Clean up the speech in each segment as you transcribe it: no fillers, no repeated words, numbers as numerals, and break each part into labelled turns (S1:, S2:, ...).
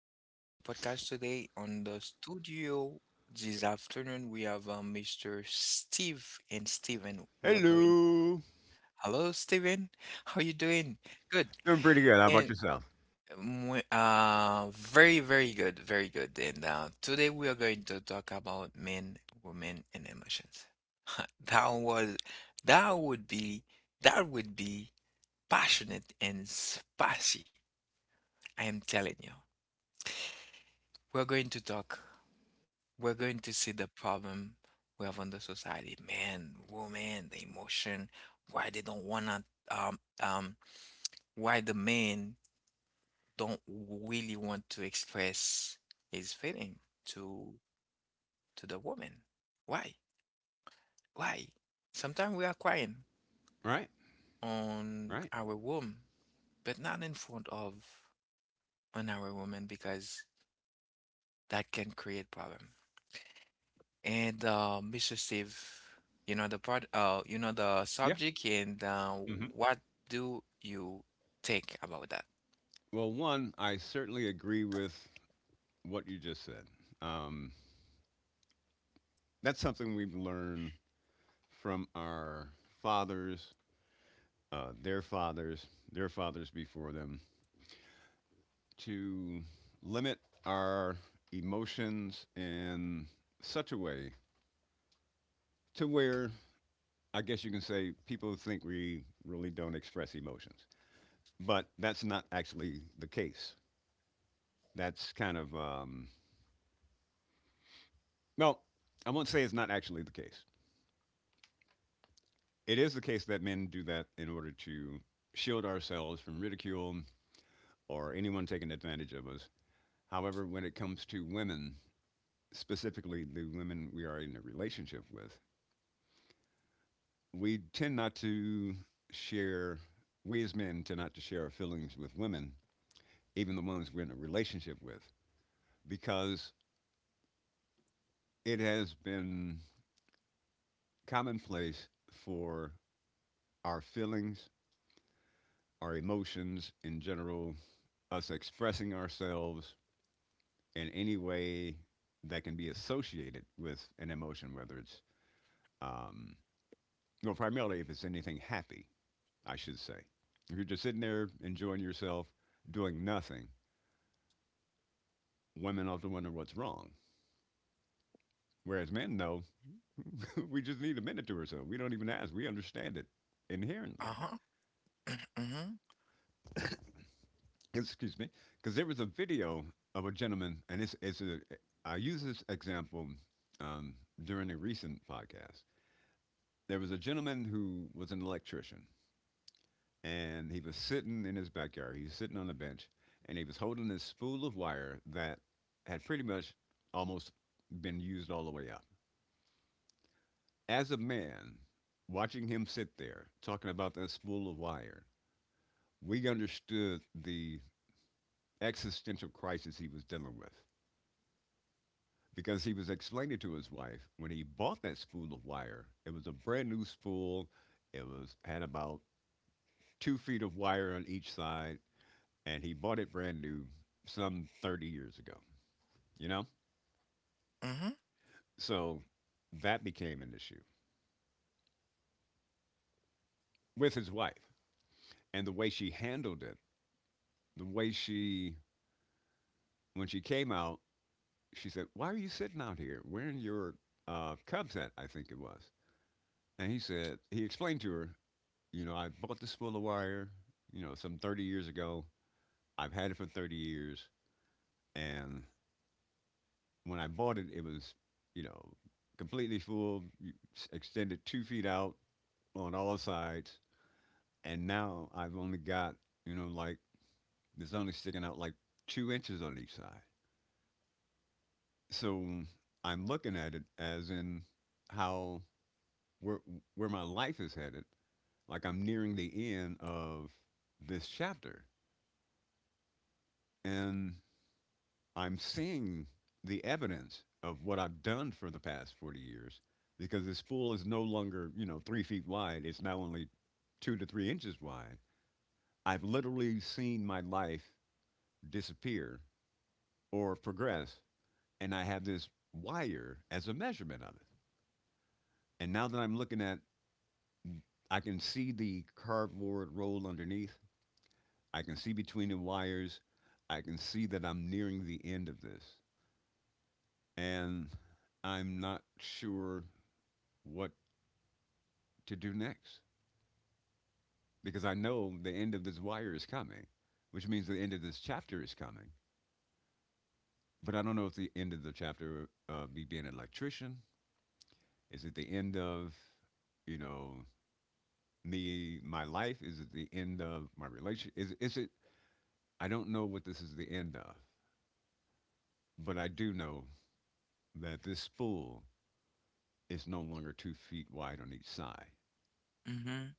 S1: on our podcast today on the studio this afternoon we have Mr. Steve and Steven. We're going.
S2: Hello.
S1: Hello, Steven. How you doing? Good.
S2: Doing pretty good. How about
S1: And
S2: yourself?
S1: um, we- uh, very, very good, very good. And today we are going to talk about men, women, and emotions. That was that would be that would be passionate and spicy. I am telling you. We're going to talk. We're going to see the problem we have on the society. Man, woman, the emotion, why they don't wanna um um why the man don't really want to express his feeling to to the woman. Why? Why? Sometimes we are crying
S2: Right,
S1: on
S2: right.
S1: our womb, but not in front of on our woman because that can create problem. And Mississippi, you know the part, you know the
S2: Yeah.
S1: subject, and
S2: hmm
S1: what do you think about that?
S2: Well, one, I certainly agree with what you just said. Um, that's something we've learned from our fathers, their fathers, their fathers before them, to limit our emotions in such a way to where I guess you can say people think we really don't express emotions. But that's not actually the case. That's kind of, well, I won't say it's not actually the case. It is the case that men do that in order to shield ourselves from ridicule or anyone taking advantage of us. However, when it comes to women, specifically the women we are in a relationship with, we tend not to share, we as men tend not to share our feelings with women, even the ones we're in a relationship with, because it has been commonplace for our feelings our emotions in general, us expressing ourselves in any way that can be associated with an emotion, whether it's, um, well, primarily if it's anything happy, I should say. If you're just sitting there enjoying yourself, doing nothing, women often wonder what's wrong. Whereas men know we just need a minute to ourselves. We don't even ask. We understand it inherently.
S1: Uh-huh. Mm-hmm.
S2: Excuse me, because there was a video of a gentleman, and I use this example um, during a recent podcast. There was a gentleman who was an electrician, and he was sitting in his backyard. He was sitting on a bench, and he was holding this spool of wire that had pretty much almost been used all the way up. As a man, watching him sit there talking about that spool of wire, we understood the existential crisis he was dealing with, because he was explaining to his wife when he bought that spool of wire, it was a brand new spool. It was had about two feet of wire on each side, and he bought it brand new some 30 years ago, you know?
S1: Mm-hmm.
S2: So that became an issue with his wife and the way she handled it. The way she, when she came out, she said, "Why are you sitting out here wearing your Cubs hat?" I think it was. And he said, he explained to her, "You know, I bought this spool of wire, you know, some 30 years ago. I've had it for 30 years. And when I bought it, it was, you know, completely full, extended two feet out on all sides. And now I've only got, you know, like, there's only sticking out like two inches on each side. So I'm looking at it as in how, where, where my life is headed. Like I'm nearing the end of this chapter. And I'm seeing the evidence of what I've done for the past 40 years because this pool is no longer, you know, three feet wide. It's now only two to three inches wide. I've literally seen my life disappear or progress, and I have this wire as a measurement of it. And now that I'm looking at, I can see the cardboard roll underneath. I can see between the wires. I can see that I'm nearing the end of this. And I'm not sure what to do next because I know the end of this wire is coming, which means the end of this chapter is coming. But I don't know if the end of the chapter me being an electrician is it the end of you know me my life is it the end of my relation is it I don't know what this is the end of, but I do know that this spool is no longer two feet wide on each side,
S1: Mm-hmm.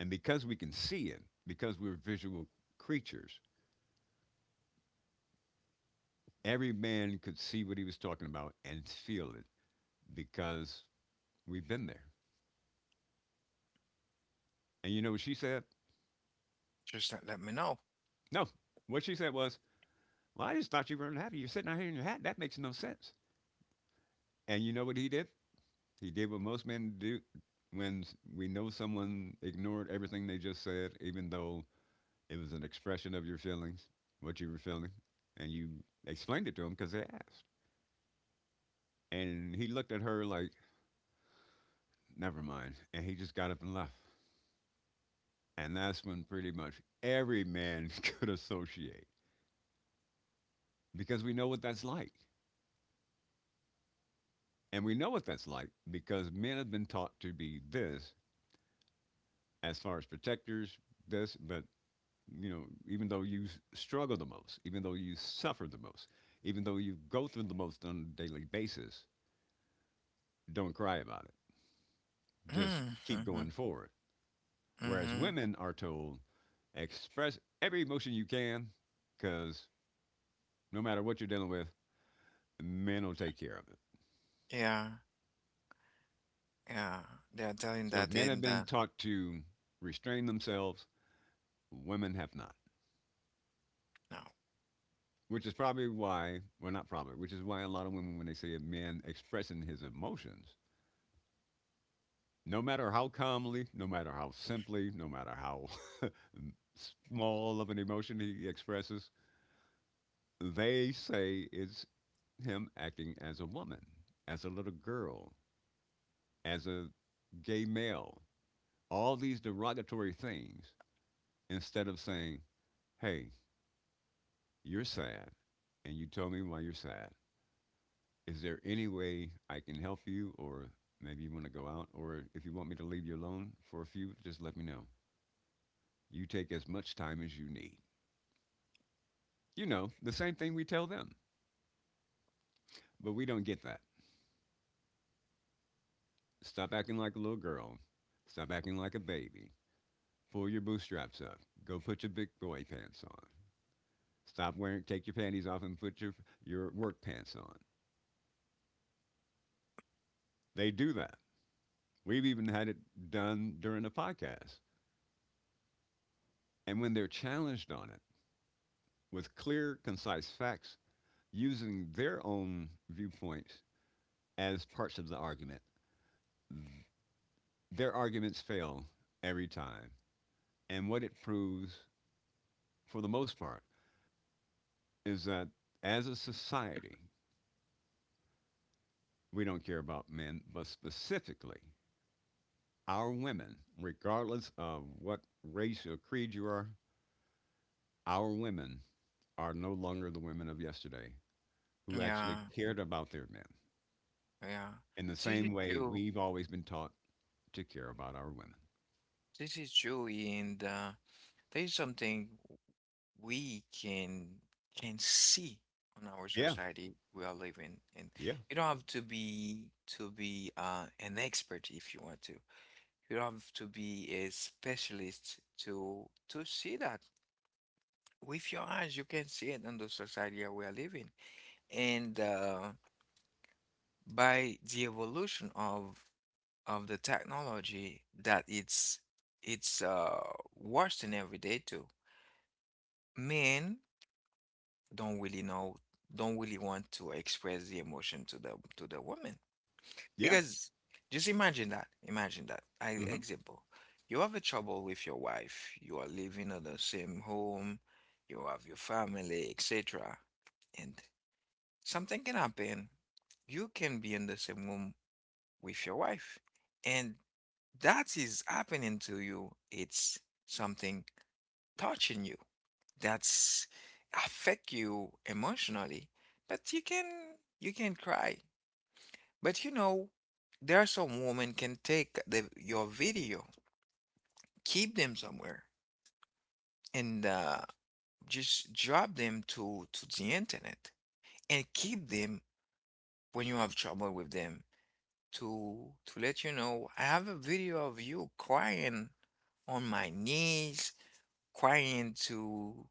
S2: and because we can see it, because we're visual creatures, every man could see what he was talking about and feel it because we've been there. And you know what she said?
S1: Just let me know.
S2: No. What she said was, "Well, I just thought you were unhappy. You're sitting out here in your hat. That makes no sense." And you know what he did? He did what most men do when we know someone ignored everything they just said, even though it was an expression of your feelings, what you were feeling, and you explained it to him because they asked. And he looked at her like, "Never mind." And he just got up and left. And that's when pretty much every man could associate because we know what that's like. And we know what that's like because men have been taught to be this as far as protectors, this, but you know, even though struggle the most, even though you suffer the most, even though you go through the most on a daily basis, don't cry about it. Just keep
S1: Mm-hmm.
S2: going forward. Whereas
S1: Mm-hmm.
S2: women are told, express every emotion you can because no matter what you're dealing with, men will take care of it.
S1: Yeah. Yeah. They are telling
S2: So
S1: that
S2: men
S1: in
S2: have
S1: the,
S2: been taught to restrain themselves, women have not.
S1: no.
S2: Which is probably why, well, not probably, which is why a lot of women, when they see a man expressing his emotions, no matter how calmly, no matter how simply, no matter how small of an emotion he expresses, they say it's him acting as a woman, as a little girl, as a gay male, all these derogatory things, instead of saying, hey, you're sad, and you told me why you're sad. Is there any way I can help you, or maybe you want to go out, or if you want me to leave you alone for a few, just let me know. You take as much time as you need. You know, the same thing we tell them, but we don't get that. Stop acting like a little girl. Stop acting like a baby. Pull your bootstraps up. Go put your big boy pants on. Stop wearing, take your panties off and put your work pants on. They do that. We've even had it done during the podcast. And when they're challenged on it with clear, concise facts, using their own viewpoints as parts of the argument. Their arguments fail every time. And what it proves, for the most part, is that as a society, we don't care about men, but specifically our women, regardless of what race or creed you are, our women are no longer the women of yesterday who actually
S1: Yeah.
S2: cared about their men
S1: Yeah,
S2: in the
S1: this is
S2: same way
S1: true.
S2: we've always been taught to care about our women.
S1: This is true, and there is something we can see on our
S2: Yeah,
S1: society we are living in.
S2: yeah,
S1: You don't have to be an expert if you want to. You don't have to be a specialist to see that. With your eyes, you can see it in the society that we are living, and by the evolution of the technology that it's worsening every day too. Men don't really know, don't really want to express the emotion to the woman
S2: yeah,
S1: because just imagine that. Imagine that. I
S2: hmm
S1: example, you have a trouble with your wife. You are living in the same home. You have your family, etc. And something can happen. You can be in the same room with your wife, and that is happening to you. It's something touching you that's affect you emotionally, but you can cry. But you know there are some women can take the your video, keep them somewhere, and just drop them to the internet and keep them when you have trouble with them to let you know I have a video of you crying on my knees, crying to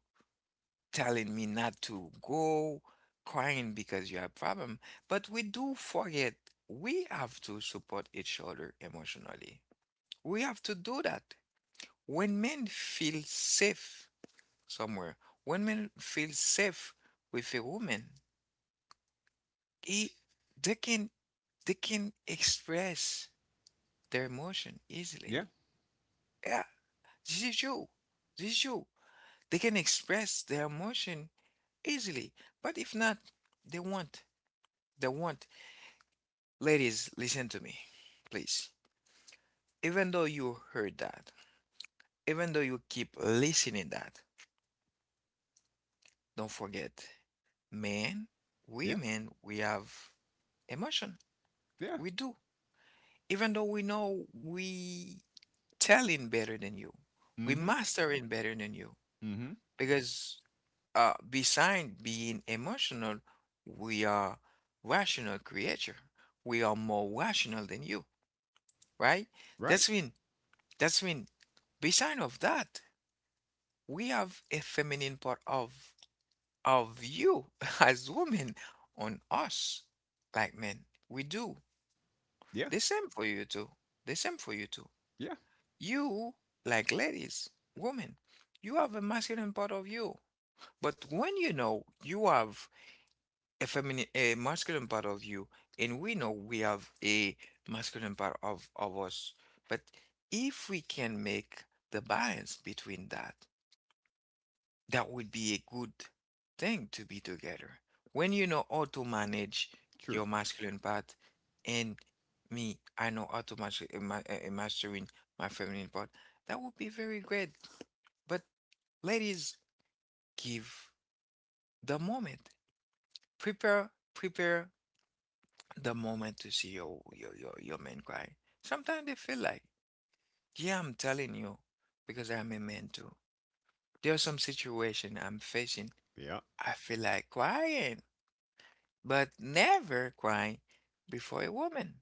S1: telling me not to go, crying because you have problem. But we do forget we have to support each other emotionally. We have to do that. When men feel safe somewhere, when men feel safe with a woman, he, they can they can express their emotion easily.
S2: yeah.
S1: Yeah, this is you. This is you. They can express their emotion easily. But if not, they want they want Ladies, listen to me, please. Even though you heard that, even though you keep listening that, don't forget, men,
S2: Yeah.
S1: women, we have emotion.
S2: Yeah.
S1: We do. Even though we know we telling better than you, we
S2: Mm-hmm.
S1: mastering better than you.
S2: Mm-hmm.
S1: Because beside being emotional, we are rational creature. We are more rational than you, right?
S2: Right.
S1: That's when that's when beside of that we have a feminine part of you as women on us, like men. We do
S2: Yeah.
S1: the same for you too, the same for you too.
S2: Yeah.
S1: You, like ladies, women, you have a masculine part of you. But when you know you have a feminine, a masculine part of you, and we know we have a masculine part of us, but if we can make the balance between that, that would be a good thing to be together. When you know how to manage
S2: True.
S1: your masculine part, and me, I know how to master, mastering my feminine part, that would be very great. But ladies, give the moment. Prepare, prepare the moment to see your man cry. Sometimes they feel like, yeah, I'm telling you, because I'm a man too. There are some situation I'm facing.
S2: Yeah.
S1: I feel like crying. But never cry before a woman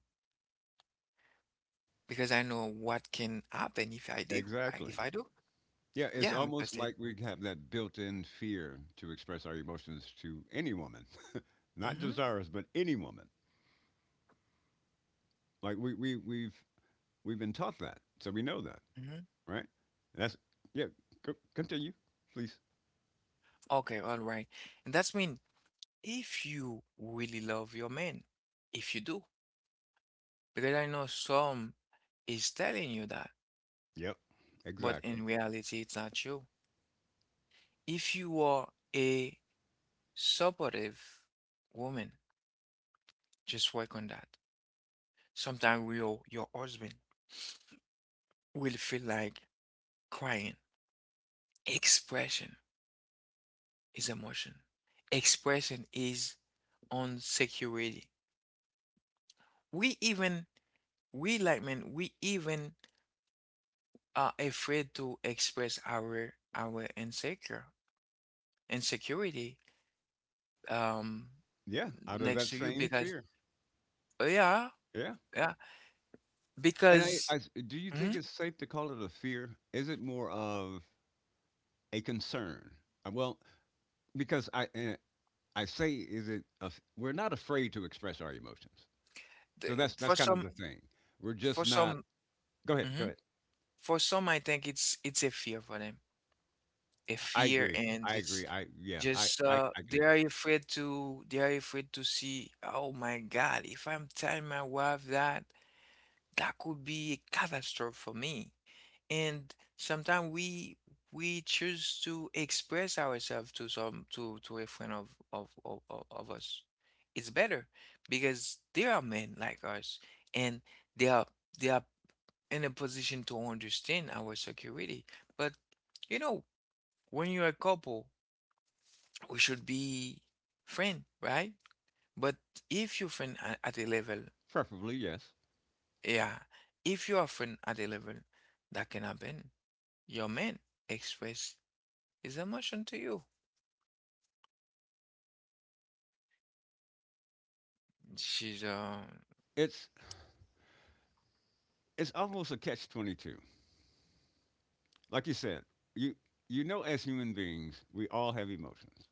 S1: because I know what can happen if I do. If
S2: Exactly.
S1: I do,
S2: Yeah. It's
S1: yeah, Mr.
S2: almost
S1: Steve.
S2: like we have that built-in fear to express our emotions to any woman, not
S1: Mm-hmm,
S2: just ours, but any woman. Like we've been taught that, so we know that,
S1: mm-hmm.
S2: right? That's yeah. Continue, please.
S1: Okay, all right. And that's mean if you really love your man, if you do, because I know some is telling you that,
S2: Yep.
S1: but
S2: Exactly.
S1: in reality, it's not true. If you are a supportive woman, just work on that. Sometimes your husband will feel like crying expression. Is emotion. Expression is insecurity. We even we like men, we even are afraid to express our insecure insecurity um
S2: Yeah. Out of
S1: next
S2: that
S1: to you
S2: same
S1: because
S2: fear.
S1: oh, yeah,
S2: Yeah.
S1: yeah
S2: And
S1: because
S2: do you think
S1: mhm,
S2: it's safe to call it a fear? Is it more of a concern? Well, because I and I say is it af- we're not afraid to express our emotions.
S1: the-
S2: So that's
S1: for
S2: kind of
S1: some
S2: the thing. We're just
S1: for
S2: not.
S1: some
S2: Go ahead. Go
S1: mhm,
S2: ahead.
S1: for some I think it's a fear for them, a
S2: I
S1: fear,
S2: agree.
S1: and
S2: I agree.
S1: just
S2: I yeah.
S1: just uh
S2: I can
S1: they are
S2: agree.
S1: afraid to, they are afraid to see oh my God, if I'm telling my wife that, that could be a catastrophe for me, and sometimes we choose to express ourselves to some to a friend of us. It's better because they are men like us, and they are they are in a position to understand our security. But you know when you're a couple, we should be friend, right? But if you friend at a level,
S2: Preferably yes.
S1: yeah, if you are friend at a level, that can happen. Your man express his emotion to you. She's
S2: It's it's almost a catch 22. Like you said, you you know, as human beings, we all have emotions.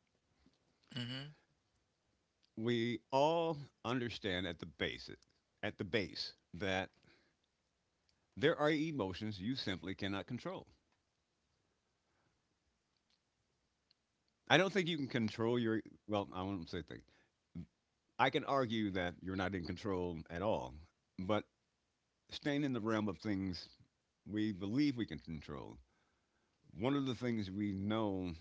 S1: mhm.
S2: We all understand at the basic at the base that there are emotions you simply cannot control. I don't think you can control your well, I won't say thing. I can argue that you're not in control at all, but staying in the realm of things we believe we can control, one of the things we know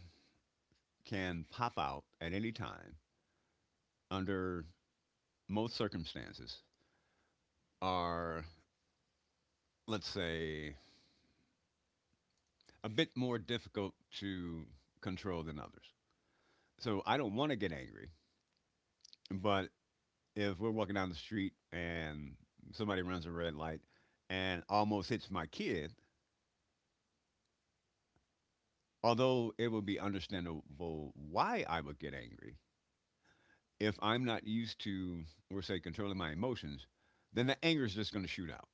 S2: can pop out at any time under most circumstances are, let's say, a bit more difficult to control than others. So I don't want to get angry, but if we're walking down the street and somebody runs a red light and almost hits my kid, although it would be understandable why I would get angry if I'm not used to, we'll say, controlling my emotions, then the anger is just going to shoot out.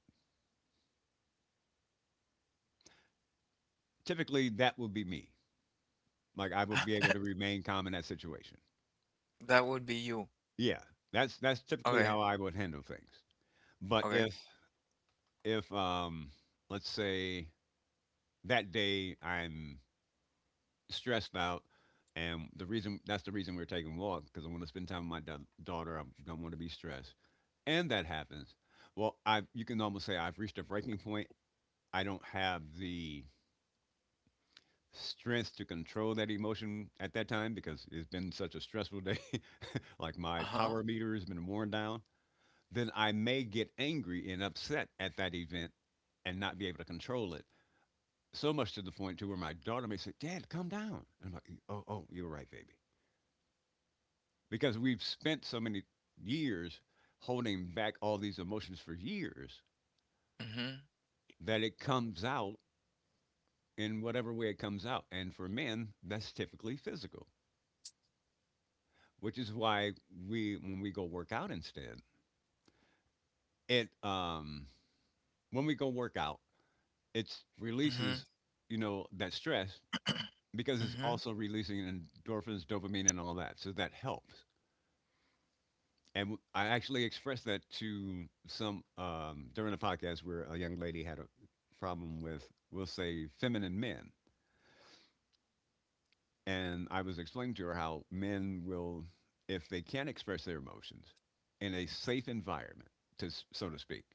S2: Typically, that would be me. Like I would be able to remain calm in that situation.
S1: That would be you.
S2: Yeah, that's typically
S1: Okay,
S2: how I would handle things. But
S1: okay.
S2: if let's say that day I'm stressed out, and the reason that's the reason we're taking a walk because I want to spend time with my daughter. I don't want to be stressed and that happens, well, I you can almost say I've reached a breaking point. I don't have the strength to control that emotion at that time because it's been such a stressful day. Like my
S1: Uh-huh.
S2: power meter has been worn down. Then I may get angry and upset at that event and not be able to control it. So much to the point to where my daughter may say, "Dad, calm down." And I'm like, "Oh, oh, you're right, baby," because we've spent so many years holding back all these emotions for years
S1: Mhm.
S2: that it comes out in whatever way it comes out. And for men, that's typically physical, which is why we when we go work out instead, it when we go work out, it
S1: Mhm.
S2: releases that stress, because it's
S1: Mhm.
S2: also releasing endorphins, dopamine, and all that. So that helps. And I actually expressed that to some during a podcast where a young lady had a problem with, we'll say, feminine men. And I was explaining to her how men will, if they can't express their emotions in a safe environment, to so to speak.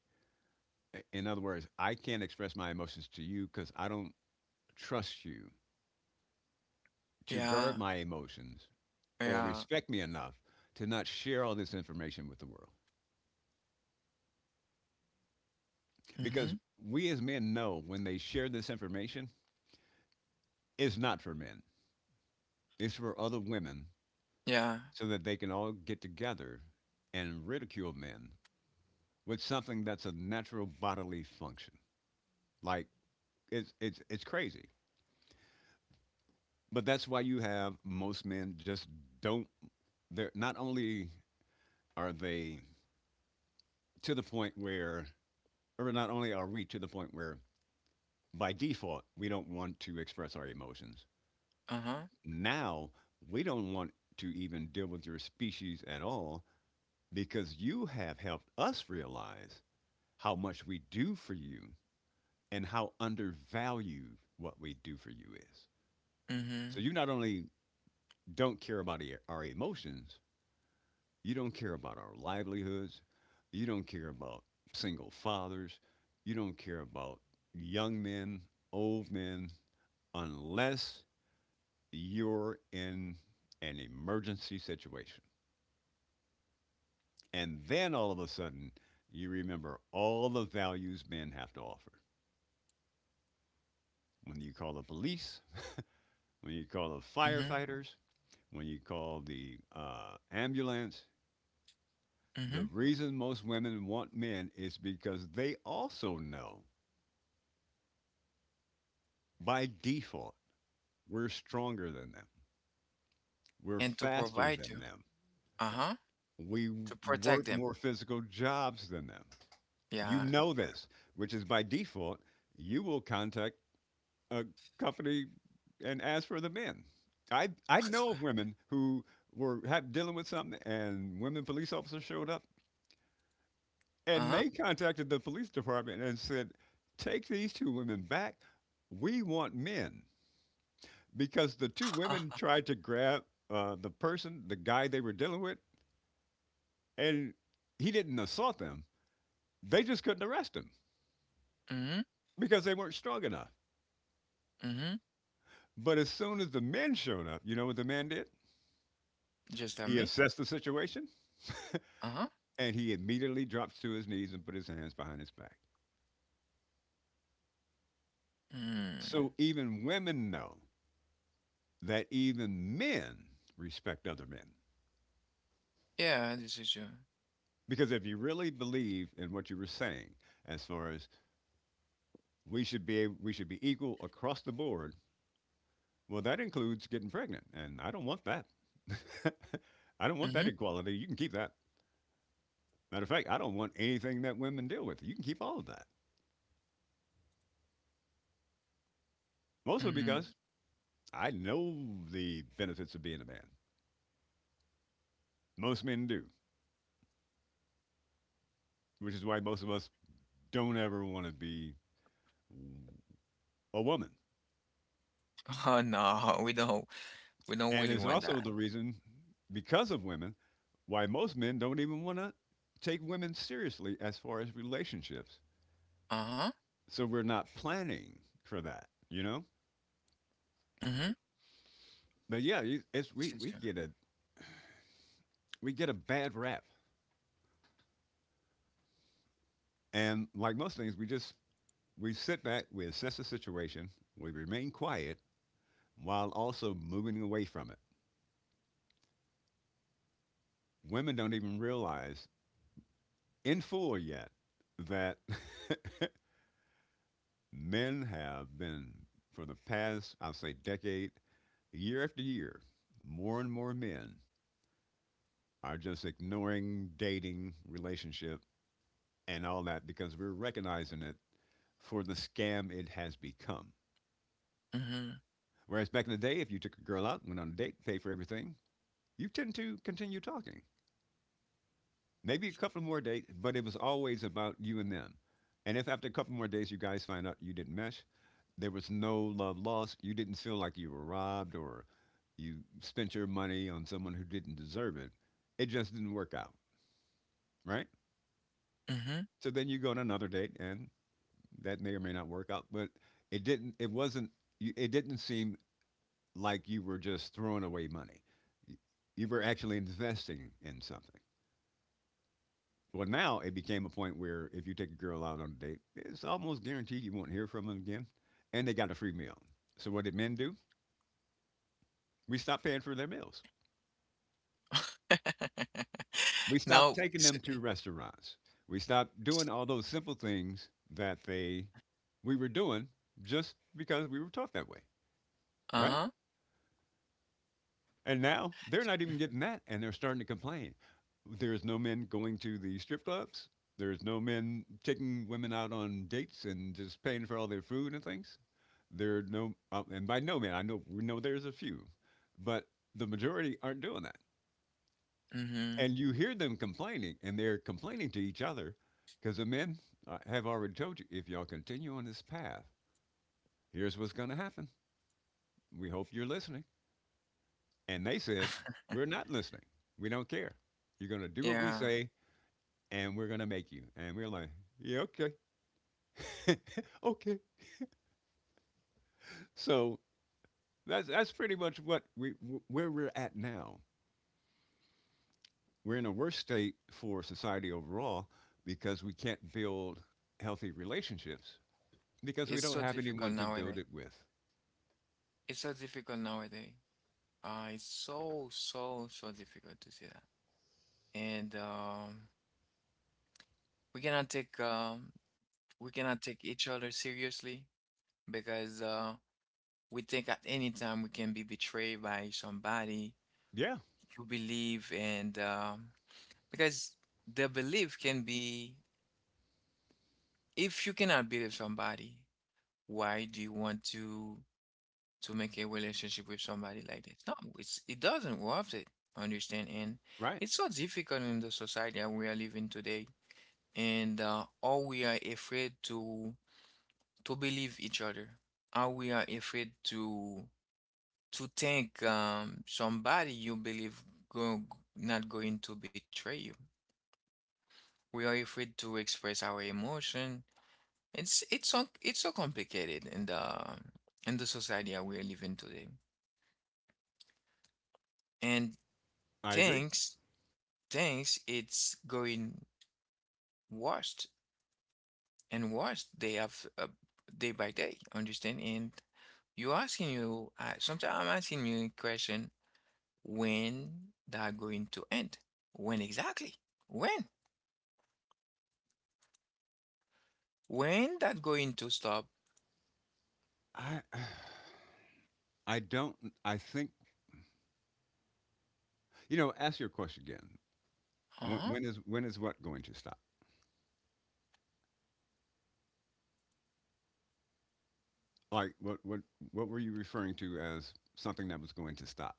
S2: In other words, I can't express my emotions to you because I don't trust you to
S1: Yeah.
S2: guard my emotions or
S1: Yeah.
S2: respect me enough to not share all this information with the world. Because
S1: Mhm.
S2: we as men know, when they share this information, it's not for men, it's for other women,
S1: Yeah.
S2: so that they can all get together and ridicule men with something that's a natural bodily function. Like it's crazy. But that's why you have most men just don't, they're not only are they to the point where, or not only are we to the point where, by default we don't want to express our emotions.
S1: Uh-huh.
S2: Now we don't want to even deal with your species at all, because you have helped us realize how much we do for you and how undervalued what we do for you is. So
S1: Mhm.
S2: you not only don't care about our emotions. You don't care about our livelihoods. You don't care about single fathers. You don't care about young men, old men, unless you're in an emergency situation. And then all of a sudden, you remember all the values men have to offer. When you call the police, when you call the
S1: Mhm.
S2: firefighters, when you call the ambulance, the
S1: Mhm.
S2: reason most women want men is because they also know by default we're stronger than them, we're
S1: And to
S2: faster
S1: provide
S2: than
S1: you.
S2: them,
S1: Uh-huh.
S2: we
S1: To protect
S2: work
S1: them.
S2: more physical jobs than them. You
S1: Yeah.
S2: know this, which is, by default, you will contact a company and ask for the men. I know of women who were had, dealing with something, and women police officers showed up, and
S1: Uh-huh.
S2: they contacted the police department and said, "Take these two women back. We want men." Because the two women
S1: Uh-huh.
S2: tried to grab the person, the guy they were dealing with, and he didn't assault them. They just couldn't arrest him
S1: Mhm.
S2: because they weren't strong enough.
S1: Mm-hmm.
S2: But as soon as the men showed up, you know what the man did?
S1: Just at
S2: He
S1: me.
S2: assessed the situation,
S1: Uh-huh.
S2: and he immediately drops to his knees and put his hands behind his back.
S1: Mm.
S2: So even women know that even men respect other men.
S1: Yeah, this is you.
S2: Because if you really believe in what you were saying, as far as we should be equal across the board, well, that includes getting pregnant, and I don't want that. I don't want that
S1: Mm-hmm.
S2: equality. You can keep that. Matter of fact, I don't want anything that women deal with. You can keep all of that. Mostly
S1: Mm-hmm.
S2: because I know the benefits of being a man. Most men do, which is why most of us don't ever want to be a woman.
S1: Oh no, we don't
S2: And
S1: really
S2: it's
S1: want
S2: also
S1: that.
S2: the reason, because of women, why most men don't even want to take women seriously as far as relationships.
S1: Uh-huh.
S2: So we're not planning for that, you know.
S1: Mm-hmm.
S2: But yeah, you- it's
S1: This is you.
S2: we get a bad rap, and like most things, we sit back, we assess the situation, we remain quiet while also moving away from it. Women don't even realize in full yet that men have been, for the past, I'll say, decade. Year after year, more and more men are just ignoring dating, relationship, and all that because we're recognizing it for the scam it has become.
S1: Mm-hmm.
S2: Whereas back in the day, if you took a girl out, went on a date, paid for everything, you tend to continue talking. Maybe a couple more dates, but it was always about you and them. And if after a couple more days you guys find out you didn't mesh, there was no love lost, you didn't feel like you were robbed or you spent your money on someone who didn't deserve it, it just didn't work out, right?
S1: Mm-hmm.
S2: So then you go on another date, and that may or may not work out. But it didn't. It wasn't. It didn't seem like you were just throwing away money. Y- You were actually investing in something. Well, now it became a point where if you take a girl out on a date, it's almost guaranteed you won't hear from them again, and they got a free meal. So what did men do? We stopped paying for their meals. We stopped
S1: No.
S2: taking them to restaurants. We stopped doing all those simple things that they we were doing just because we were taught that way, right?
S1: Uh-huh.
S2: And now they're not even getting that, and they're starting to complain. There's no men going to the strip clubs. There's no men taking women out on dates and just paying for all their food and things. There are no, and by no men, I know, we know there's a few, but the majority aren't doing that.
S1: Mm-hmm.
S2: And you hear them complaining, and they're complaining to each other because the men, have already told you, if y'all continue on this path, here's what's going to happen. We hope you're listening. And they said, "We're not listening. We don't care. You're going to do what we
S1: Yeah.
S2: say, and we're going to make you." And we're like, "Yeah, okay. okay." So that's pretty much what where we're at now. We're in a worse state for society overall, because we can't build healthy relationships, because we
S1: It's
S2: don't
S1: so
S2: have
S1: difficult
S2: anyone to build
S1: nowadays.
S2: it with.
S1: It's so difficult nowadays. It's so, so, so difficult to see that. And we cannot take we cannot take each other seriously because we think at any time we can be betrayed by somebody
S2: Yeah,
S1: you believe, and because the belief can be, if you cannot believe somebody, why do you want to make a relationship with somebody like that? No, it doesn't worth it. Understand? And
S2: right.
S1: it's so difficult in the society that we are living today, and all we are afraid to believe each other. How we are afraid to think somebody you believe go, not going to betray you. We are afraid to express our emotion. It's so complicated in the society that we're living today. And
S2: I agree.
S1: things things it's going worse and worse. They have day by day. Understand? And you asking you sometimes I'm asking you a question, when that going to end? When exactly? When? When that going to stop?
S2: I I don't I think, ask your question again. When,
S1: Huh?
S2: when is when is what going to stop? Like what were you referring to as something that was going to stop?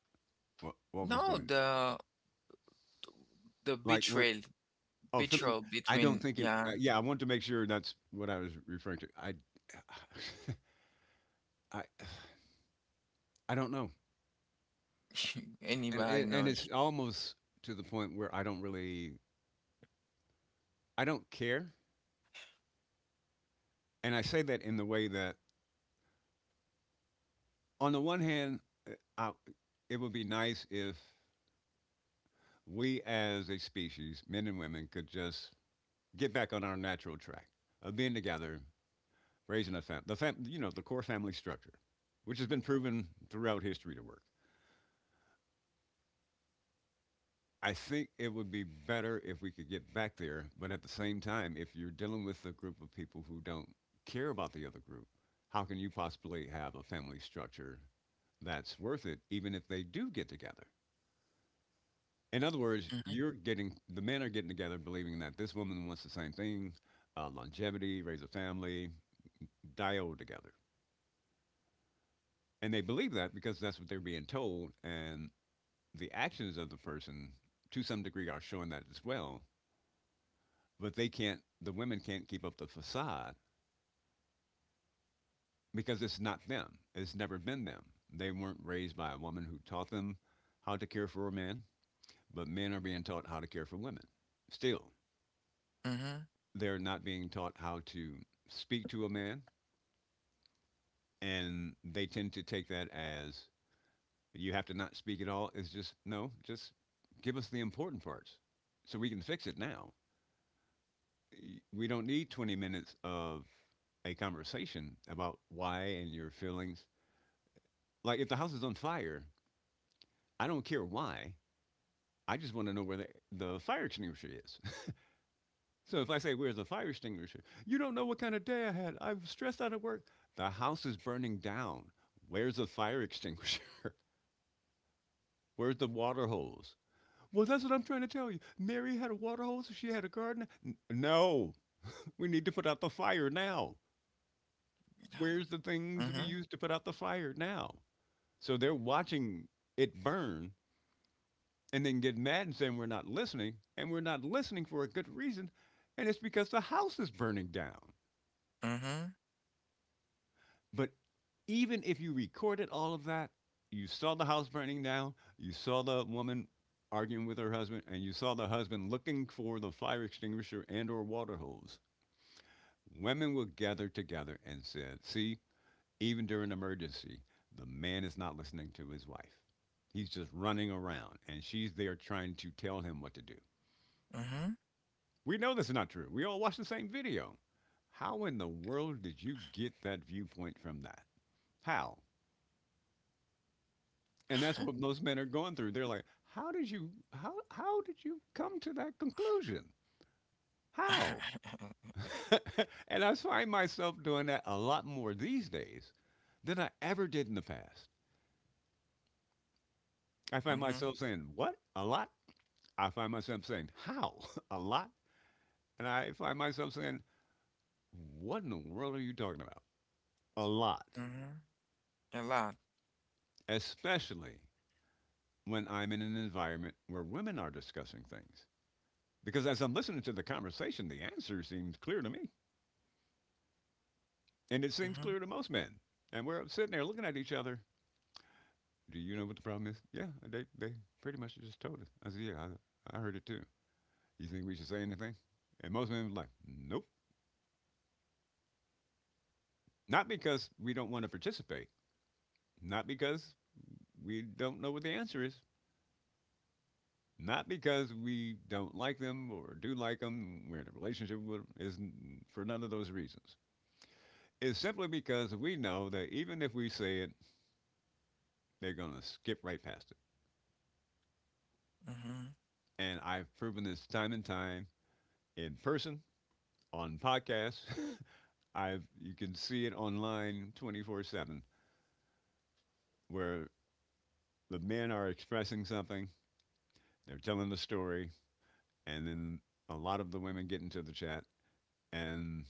S2: What was
S1: No,
S2: going,
S1: the
S2: like, when?
S1: betrayal,
S2: Oh, Philip, I don't
S1: between
S2: think it.
S1: yeah,
S2: Yeah, I want to make sure that's what I was referring to. I I I don't know, and
S1: anybody
S2: and and it's
S1: knows.
S2: almost to the point where I don't care, and I say that in the way that, on the one hand, uh, I, it would be nice if we as a species, men and women, could just get back on our natural track of being together, raising a family. The the core family structure, which has been proven throughout history to work. I think it would be better if we could get back there, but at the same time, if you're dealing with a group of people who don't care about the other group, how can you possibly have a family structure that's worth it, even if they do get together? In other words,
S1: Mm-hmm,
S2: you're getting the men are getting together believing that this woman wants the same thing, longevity, raise a family, die old together, and they believe that because that's what they're being told, and the actions of the person to some degree are showing that as well, but the women can't keep up the facade, because it's not them. It's never been them. They weren't raised by a woman who taught them how to care for a man, but men are being taught how to care for women. Still, they're not being taught how to speak to a man, and they tend to take that as, you have to not speak at all. It's just, no, just give us the important parts so we can fix it now. We don't need 20 minutes of a conversation about why and your feelings. Like, if the house is on fire, I don't care why. I just want to know where the fire extinguisher is. So if I say, "Where's the fire extinguisher?" You don't know what kind of day I had. I'm stressed out at work. The house is burning down. Where's the fire extinguisher? Where's the water hose? Well, that's what I'm trying to tell you. Mary had a water hose. She had a garden. No, we need to put out the fire now. Where's the
S1: mm-hmm,
S2: things we
S1: mm-hmm,
S2: used to put out the fire now? So they're watching it burn and then get mad and saying we're not listening, and we're not listening for a good reason, and it's because the house is burning down.
S1: mm-hmm,
S2: But even if you recorded all of that, you saw the house burning down, you saw the woman arguing with her husband, and you saw the husband looking for the fire extinguisher and or water hose. Women will gather together and said, "See, even during emergency, the man is not listening to his wife. He's just running around, and she's there trying to tell him what to do."
S1: mm-hmm.
S2: We know this is not true. We all watch the same video. How in the world did you get that viewpoint from that? How? And that's what most men are going through. They're like, "How did you how did you come to that conclusion? How?" And I find myself doing that a lot more these days than I ever did in the past. I find
S1: Mm-hmm,
S2: myself saying, "What? A lot?" I find myself saying, "How?" A lot? And I find myself saying, "What in the world are you talking about?" A lot.
S1: mm-hmm. A lot.
S2: Especially when I'm in an environment where women are discussing things. Because as I'm listening to the conversation, the answer seems clear to me. And it seems
S1: Mm-hmm,
S2: clear to most men. And we're sitting there looking at each other. Do you know what the problem is? Yeah, they pretty much just told us. I said, "Yeah, I heard it too. You think we should say anything?" And most men were like, "Nope." Not because we don't want to participate, not because we don't know what the answer is. Not because we don't like them or do like them, we're in a relationship with them, is for none of those reasons. It's simply because we know that even if we say it, they're going to skip right past it.
S1: mm-hmm,
S2: And I've proven this time and time in person, on podcasts. I've You can see it online 24/7 where the men are expressing something, they're telling the story, and then a lot of the women get into the chat and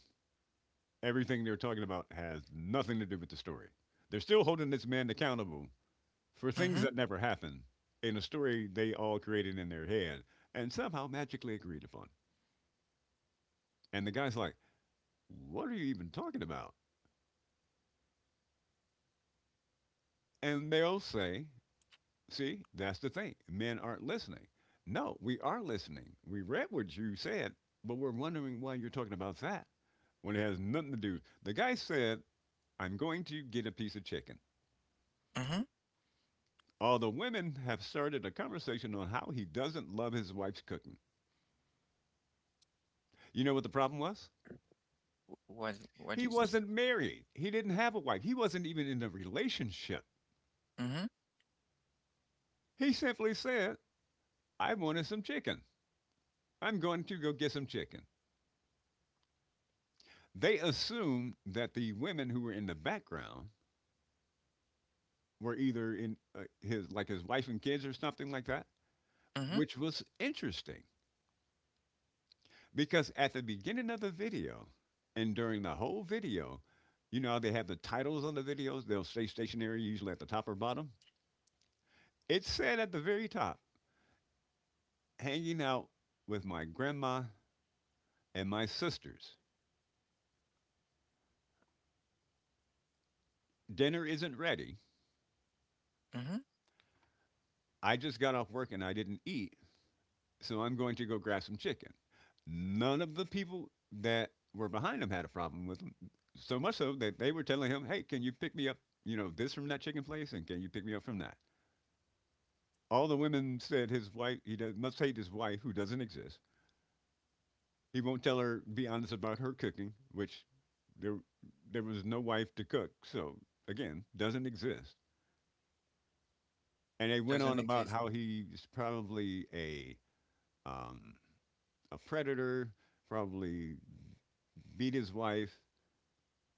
S2: everything they're talking about has nothing to do with the story. They're still holding this man accountable for things
S1: mm-hmm,
S2: that never happened in a story they all created in their head and somehow magically agreed upon. And the guy's like, "What are you even talking about?" And they'll say, "See, that's the thing. Men aren't listening." No, we are listening. We read what you said, but we're wondering why you're talking about that when it has nothing to do. The guy said, "I'm going to get a piece of chicken."
S1: mm-hmm.
S2: Although women have started a conversation on how he doesn't love his wife's cooking. You know what the problem was?
S1: What
S2: He
S1: is?
S2: wasn't married. He didn't have a wife. He wasn't even in a relationship.
S1: Mm-hmm,
S2: He simply said, "I wanted some chicken. I'm going to go get some chicken." They assumed that the women who were in the background were either in his, like his wife and kids or something like that,
S1: mm-hmm,
S2: which was interesting. Because at the beginning of the video and during the whole video, you know how they have the titles on the videos? They'll stay stationary, usually at the top or bottom. It said at the very top, "Hanging out with my grandma and my sisters. Dinner isn't ready.
S1: mm-hmm.
S2: I just got off work and I didn't eat, so I'm going to go grab some chicken." None of the people that were behind him had a problem with him, so much so that they were telling him, "Hey, can you pick me up, you know, this from that chicken place, and can you pick me up from that?" All the women said his wife, he does, must hate his wife who doesn't exist. He won't tell her, be honest about her cooking, which there, there was no wife to cook. So again, doesn't exist. And they went
S1: Doesn't
S2: on about
S1: exist.
S2: how he's probably um, a predator, probably beat his wife.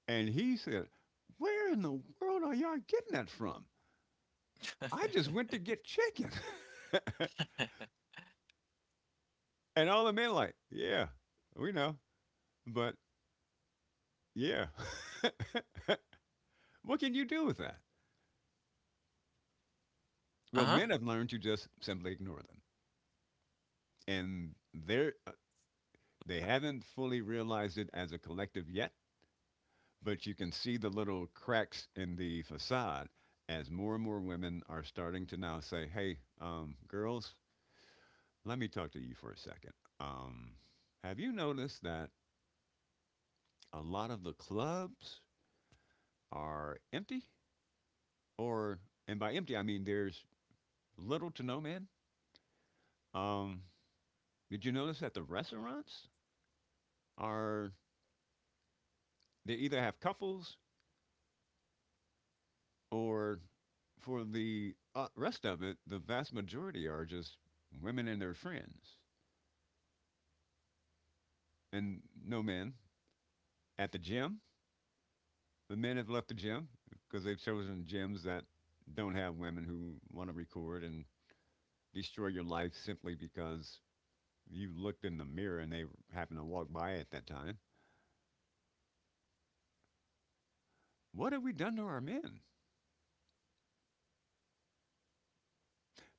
S2: And he said, "Where in the world are y'all getting that from? I just went to get chicken." And all the men like, "Yeah, we know. But yeah." What can you do with that? Well,
S1: Uh-huh.
S2: men have learned to just simply ignore them, and they haven't fully realized it as a collective yet. But you can see the little cracks in the facade as more and more women are starting to now say, "Hey, girls, let me talk to you for a second. Um, have you noticed that a lot of the clubs are empty? Or, and by empty, I mean there's little to no men. Um, did you notice that the restaurants are they either have couples or for the rest of it, the vast majority are just women and their friends and no men. At the gym, the men have left the gym because they've chosen gyms that don't have women who want to record and destroy your life simply because you looked in the mirror and they happened to walk by at that time. What have we done to our men?"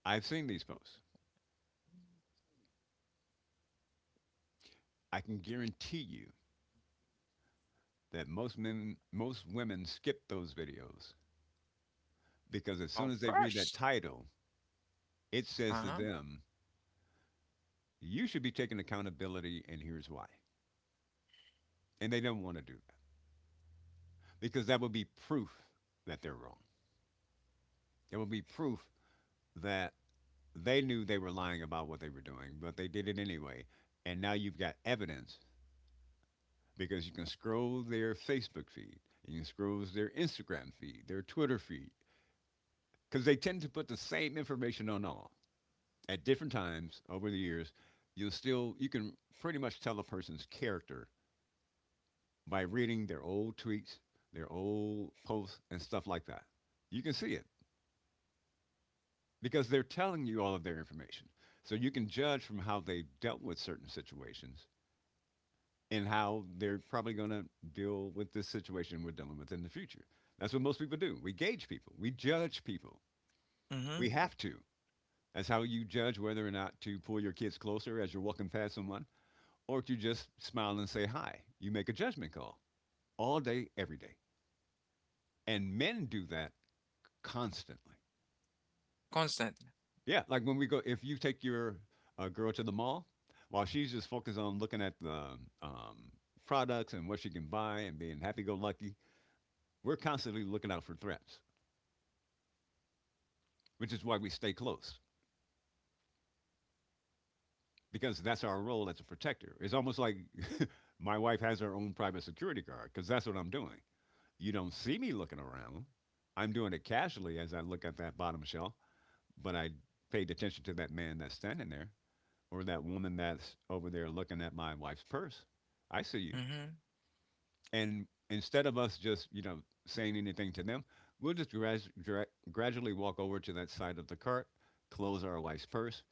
S2: I've seen these posts. I can guarantee you that most men, most women skip those videos,
S1: Of
S2: because as soon as they
S1: course.
S2: read that title, it
S1: Uh-huh.
S2: says to them, you should be taking accountability, and here's why. And they don't want to do that because that would be proof that they're wrong. It would be proof that they knew they were lying about what they were doing, but they did it anyway. And now you've got evidence because you can scroll their Facebook feed, you can scroll their Instagram feed, their Twitter feed, because they tend to put the same information on all at different times over the years. You can pretty much tell a person's character by reading their old tweets, their old posts, and stuff like that. You can see it because they're telling you all of their information. So you can judge from how they dealt with certain situations and how they're probably going to deal with this situation we're dealing with in the future. That's what most people do. We gauge people, we judge people.
S1: Mm-hmm.
S2: We have to. That's how you judge whether or not to pull your kids closer as you're walking past someone, or if you just smile and say hi. You make a judgment call all day, every day. And men do that constantly.
S1: Constantly.
S2: Yeah, like when we go, if you take your girl to the mall, while she's just focused on looking at the um, products and what she can buy and being happy-go-lucky, we're constantly looking out for threats, which is why we stay close because that's our role as a protector. It's almost like my wife has her own private security guard because that's what I'm doing. You don't see me looking around. I'm doing it casually as I look at that bottom shelf, but I paid attention to that man that's standing there or that woman that's over there looking at my wife's purse. I see you.
S1: Mm-hmm.
S2: And instead of us just, you know, saying anything to them, we'll just gradually walk over to that side of the cart, close our wife's purse,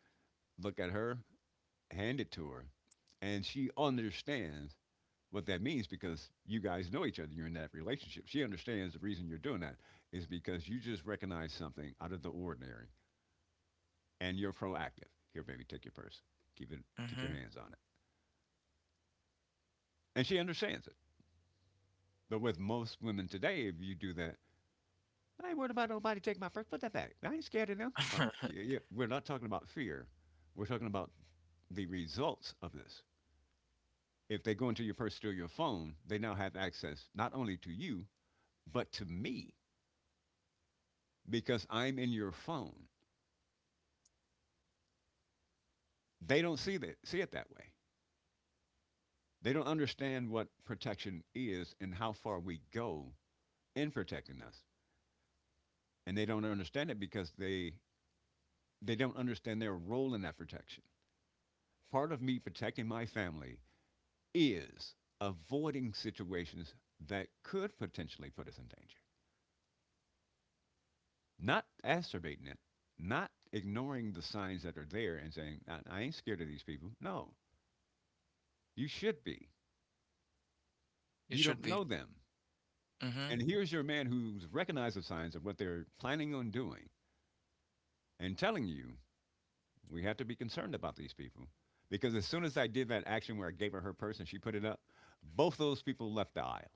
S2: look at her, hand it to her. And she understands what that means because you guys know each other. You're in that relationship. She understands the reason you're doing that is because you just recognize something out of the ordinary and you're proactive. Here, baby, take your purse. Keep it. Keep your hands on it. And she understands it. But with most women today, if you do that, "I ain't worried about nobody taking my first. Put that back. I ain't scared of them." Like,
S1: Mm-hmm.
S2: yeah, we're not talking about fear. We're talking about the results of this. If they go into your purse, steal your phone, they now have access not only to you, but to me because I'm in your phone. They don't see it that way. They don't understand what protection is and how far we go in protecting us. And they don't understand it because they don't understand their role in that protection. Part of me protecting my family is avoiding situations that could potentially put us in danger, not exacerbating it, not ignoring the signs that are there and saying, I ain't scared of these people." No, you should be.
S1: You
S2: You don't
S1: should
S2: know
S1: be.
S2: them. And
S1: Mm-hmm.
S2: here's your man who's recognized the signs of what they're planning on doing and telling you, we have to be concerned about these people. Because as soon as I did that action where I gave her her purse and she put it up, both those people left the aisle.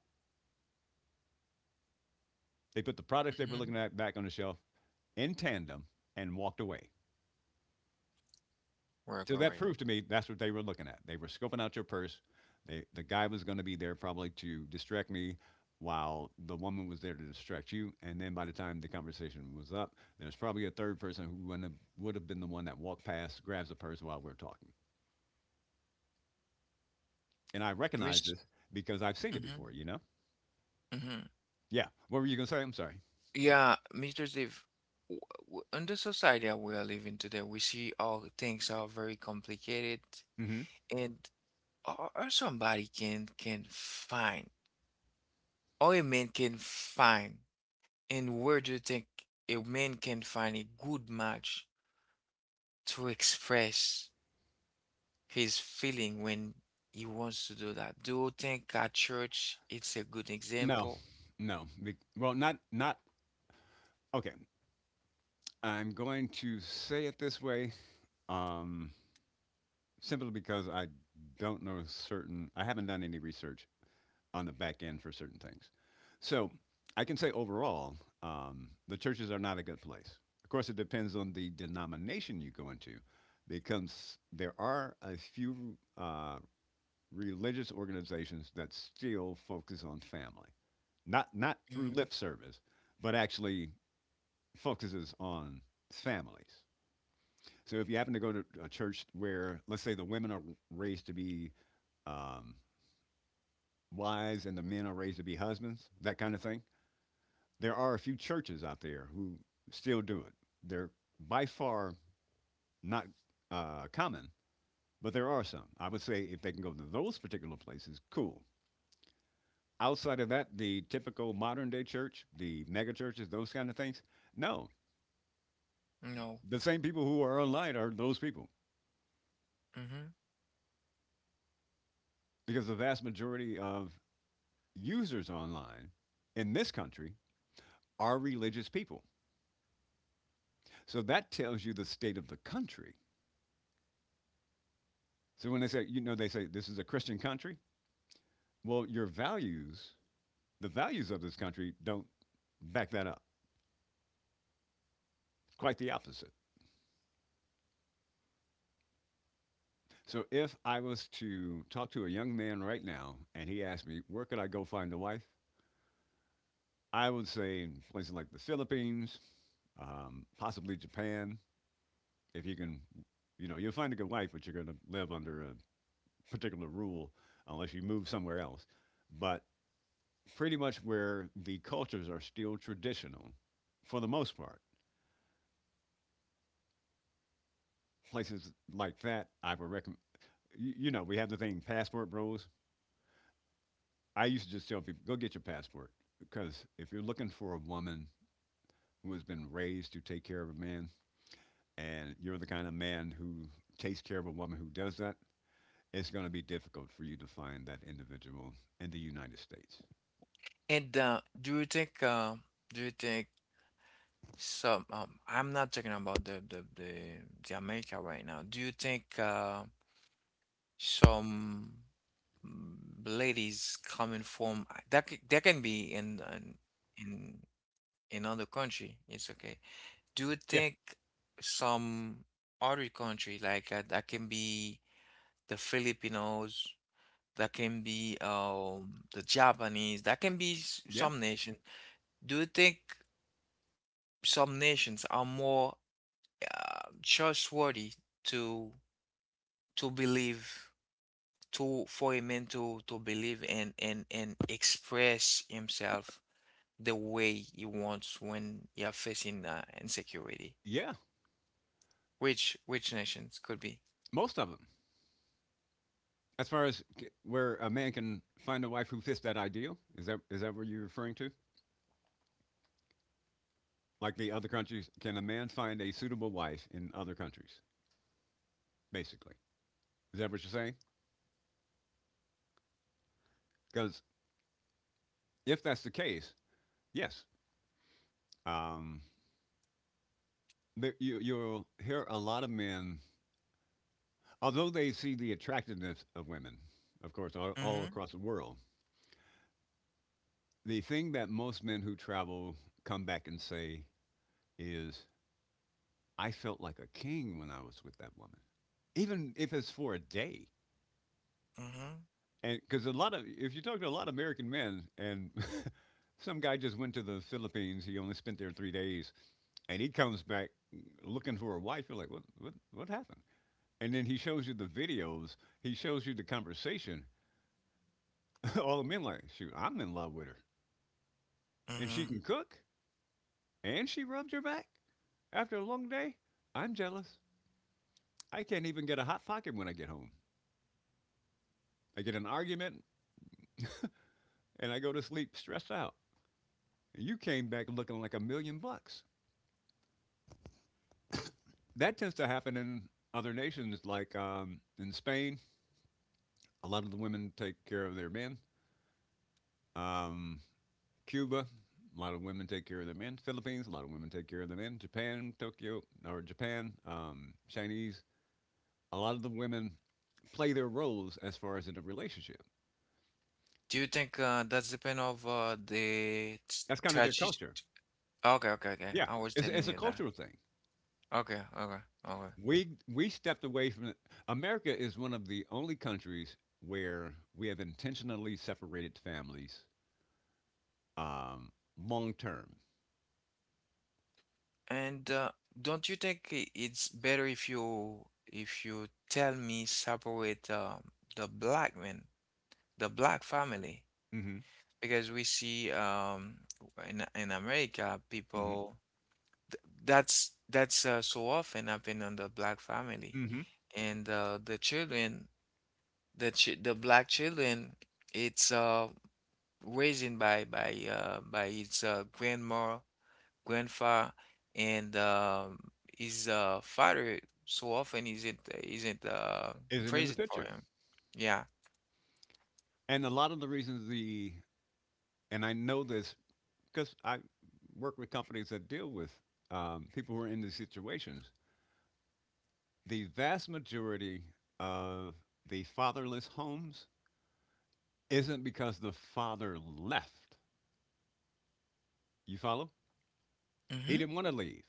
S2: They put the products they were
S1: Mm-hmm.
S2: looking at back on the shelf in tandem and walked away.
S1: Work
S2: So that
S1: already.
S2: proved to me that's what they were looking at. They were scoping out your purse. The guy was going to be there probably to distract me while the woman was there to distract you. And then by the time the conversation was up, there's probably a third person who wouldn't have, would have been the one that walked past, grabs the purse while we're talking. And I recognize
S1: Miss.
S2: this because I've seen it
S1: Mm-hmm.
S2: before.
S1: Mm-hmm.
S2: Yeah. What were you going to say? I'm sorry.
S1: Yeah, Mr. Steve, w- in the society that we are living today, we see all things are very complicated,
S2: hmm
S1: and or somebody can find, or a man can find. And where do you think a man can find a good match to express his feeling when he wants to do that? Do you think a church it's a good
S2: No,
S1: example?
S2: no. Be- Well, not, not, Okay, I'm going to say it this way. Um, Simply because I don't know certain. I haven't done any research on the back end for certain things. So I can say overall, the churches are not a good place. Of course, it depends on the denomination you go into, because there are a few religious organizations that still focus on family, not through lip service, but actually focuses on families. So if you happen to go to a church where, let's say, the women are raised to be um, wives and the men are raised to be husbands, that kind of thing. There are a few churches out there who still do it. They're by far not common, but there are some. I would say if they can go to those particular places, cool. Outside of that, the typical modern day church, the mega churches, those kind of things, no.
S1: No.
S2: The same people who are online are those people
S1: Hmm.
S2: because the vast majority of users online in this country are religious people. So that tells you the state of the country. So when they say, you know, they say this is a Christian country. Well, your values, the values of this country, don't back that up. Quite the opposite. So if I was to talk to a young man right now and he asked me, where could I go find a wife? I would say places like the Philippines, possibly Japan. If you can, you know, you'll find a good wife, but you're going to live under a particular rule unless you move somewhere else. But pretty much where the cultures are still traditional for the most part. Places like that, I would recommend. We have the thing passport bros. I used to just tell people go get your passport because if you're looking for a woman who has been raised to take care of a man, and you're the kind of man who takes care of a woman who does that, it's going to be difficult for you to find that individual in the United States.
S1: And do you think some I'm not talking about the America right now. Do you think some mm, ladies coming from that that can be in in other country. It's okay. Do you
S2: Yeah.
S1: think some other country like that can be the Filipinos, that can be the Japanese, that can be
S2: Yeah,
S1: some nation. Do you think some nations are more trustworthy to to believe to for a man to believe and express himself the way he wants when you're facing insecurity?
S2: yeah,
S1: Which nations could be?
S2: most of them. As far as where a man can find a wife who fits that ideal, is that what you're referring to? Like the other countries, can a man find a suitable wife in other countries? Basically. Is that what you're saying? Because if that's the case, yes, um, there, you'll hear a lot of men, although they see the attractiveness of women, of course, all
S1: Mm-hmm.
S2: across the world, the thing that most men who travel come back and say is, I felt like a king when I was with that woman, even if it's for a day.
S1: Mm-hmm.
S2: And because a lot of, if you talk to a lot of American men, and some guy just went to the Philippines, he only spent there 3 days, and he comes back looking for a wife. You're like, what happened? And then he shows you the videos. He shows you the conversation. All the men like, shoot, I'm in love with her, and she
S1: Mm-hmm.
S2: can cook, and she rubbed your back after a long day. I'm jealous. I can't even get a hot pocket when I get home. I get an argument, and I go to sleep stressed out. And you came back looking like a million bucks. That tends to happen in other nations, like in Spain. A lot of the women take care of their men. Um, Cuba, a lot of women take care of their men. Philippines, a lot of women take care of their men. Japan, Tokyo, Chinese, a lot of the women play their roles as far as in a relationship.
S1: Do you think that's depend of the
S2: That's kind of their
S1: tragedy?
S2: culture.
S1: Okay, okay, okay.
S2: Yeah,
S1: I was telling
S2: it's a
S1: you that.
S2: cultural thing.
S1: Okay, okay, okay.
S2: We stepped away from it. America is one of the only countries where we have intentionally separated families um, long term.
S1: And don't you think it's better if you tell me separate the black men, the black family,
S2: Mm-hmm.
S1: because we see in America
S2: Mm-hmm.
S1: people th that's so often happen on the black family,
S2: Mm-hmm.
S1: and the children, the black children, it's raised by by its grandma, grandfather, and his father so often isn't
S2: Isn't in the
S1: praised for
S2: picture,
S1: him. Yeah.
S2: and a lot of the reasons the and I know this because I work with companies that deal with people who are in these situations. The vast majority of the fatherless homes isn't because the father left. You follow? He
S1: Mm-hmm.
S2: didn't want to leave.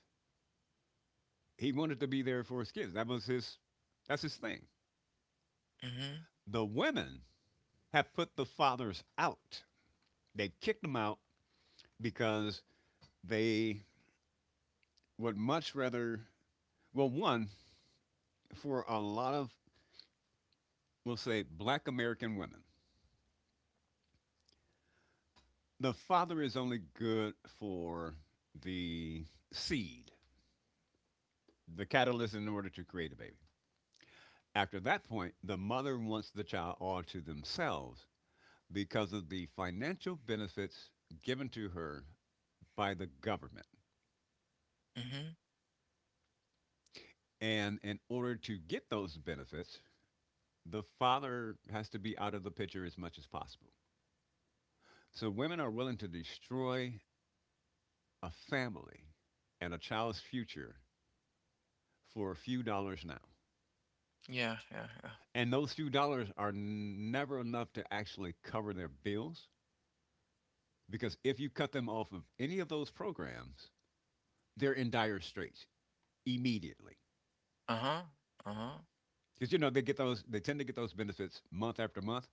S2: He wanted to be there for his kids. That was his. That's his thing.
S1: Mm-hmm.
S2: The women have put the fathers out. They kicked them out because they would much rather. Well, one for a lot of we'll say black American women the father is only good for the seed, the catalyst in order to create a baby. After that point, the mother wants the child all to themselves because of the financial benefits given to her by the government.
S1: Mm-hmm.
S2: And in order to get those benefits, the father has to be out of the picture as much as possible. So women are willing to destroy a family and a child's future for a few dollars now.
S1: Yeah. Yeah. Yeah.
S2: And those few dollars are never enough to actually cover their bills because if you cut them off of any of those programs, they're in dire straits immediately.
S1: Uh-huh. Uh-huh.
S2: Because you know they get those, they tend to get those benefits month after month,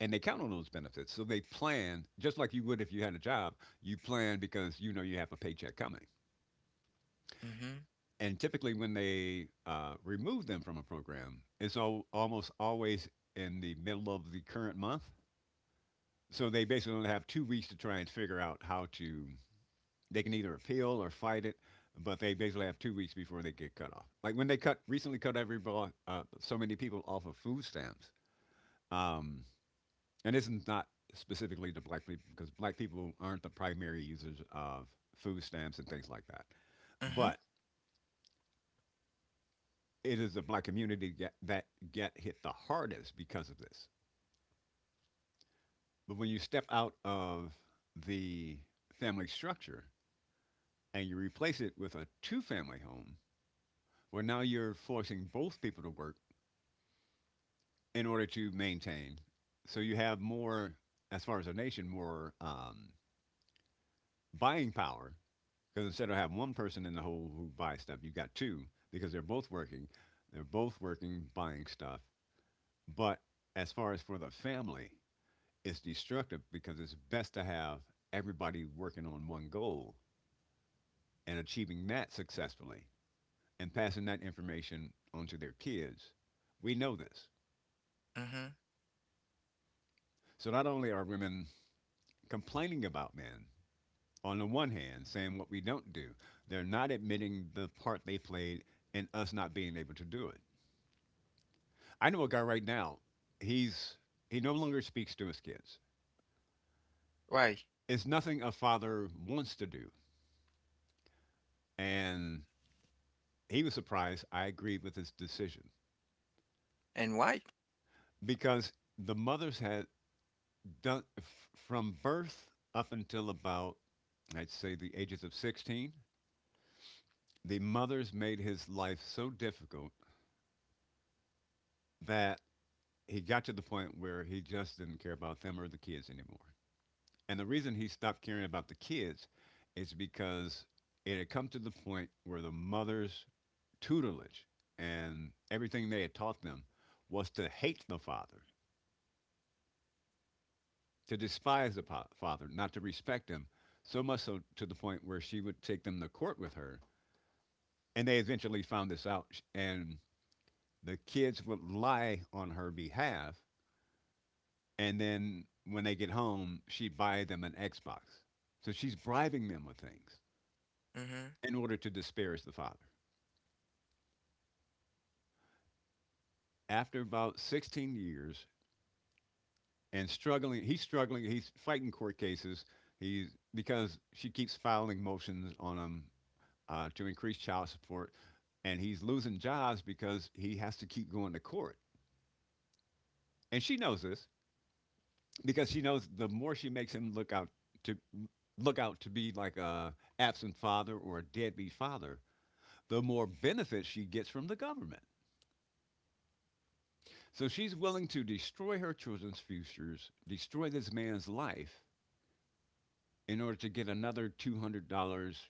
S2: and they count on those benefits. So they plan just like you would if you had a job. You plan because you know you have a paycheck coming.
S1: Mm-hmm.
S2: And typically, when they remove them from a program, it's almost always in the middle of the current month. So they basically only have 2 weeks to try and figure out how to they can either appeal or fight it, but they basically have 2 weeks before they get cut off. Like when they cut recently cut everybody, so many people off of food stamps. Um, and this is not specifically to black people because black people aren't the primary users of food stamps and things like that.
S1: Mm-hmm.
S2: But it is the black that get hit the hardest because of this. But when you step out of the family structure and you replace it with a two family home, where now you're forcing both people to work in order to maintain. So you have more, as far as a nation, more buying power because instead of having one person in the hole who buys stuff, you got two because they're both working. They're both working, buying stuff. But as far as for the family, it's destructive because it's best to have everybody working on one goal and achieving that successfully and passing that information onto their kids. We know this.
S1: Mm-hmm.
S2: So not only are women complaining about men, on the one hand, saying what we don't do. They're not admitting the part they played in us not being able to do it. I know a guy right now. He's he no longer speaks to his kids.
S1: Why?
S2: It's nothing a father wants to do, and he was surprised. I agreed with his decision
S1: And why?
S2: because the mothers had done from birth up until about I'd say the ages of 16. The mothers made his life so difficult that he got to the point where he just didn't care about them or the kids anymore. And the reason he stopped caring about the kids is because it had come to the point where the mother's tutelage and everything they had taught them was to hate the father, to despise the father, not to respect him, so much so to the point where she would take them to court with her. And they eventually found this out, and the kids would lie on her behalf and then when they get home, she buy them an Xbox. So she's bribing them with things
S1: Mm-hmm.
S2: in order to disparage the father. After about 16 years and struggling. He's fighting court cases. He's because she keeps filing motions on him to increase child support, and he's losing jobs because he has to keep going to court. And she knows this because she knows the more she makes him to look out to be like a absent father or a deadbeat father, the more benefit she gets from the government. So she's willing to destroy her children's futures, destroy this man's life in order to get another $200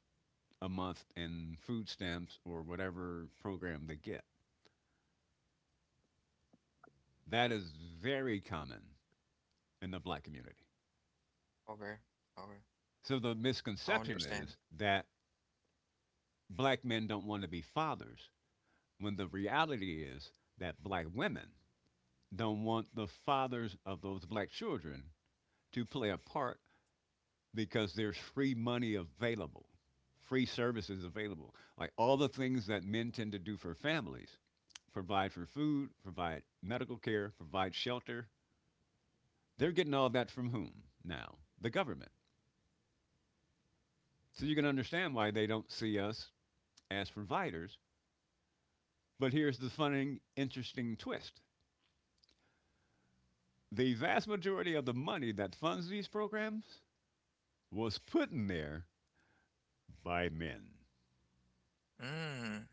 S2: a month in food stamps or whatever program they get. That is very common in the black community.
S1: Okay. Okay.
S2: So the
S1: I
S2: misconception
S1: understand.
S2: is that black men don't want to be fathers, when the reality is that black women don't want the fathers of those black children to play a part because there's free money available, free services available. Like all the things that men tend to do for families, provide for food, provide medical care, provide shelter. They're getting all that from whom now? The government. So you can understand why they don't see us as providers. But here's the funny, interesting twist: the vast majority of the money that funds these programs was put in there by men.
S1: Mm.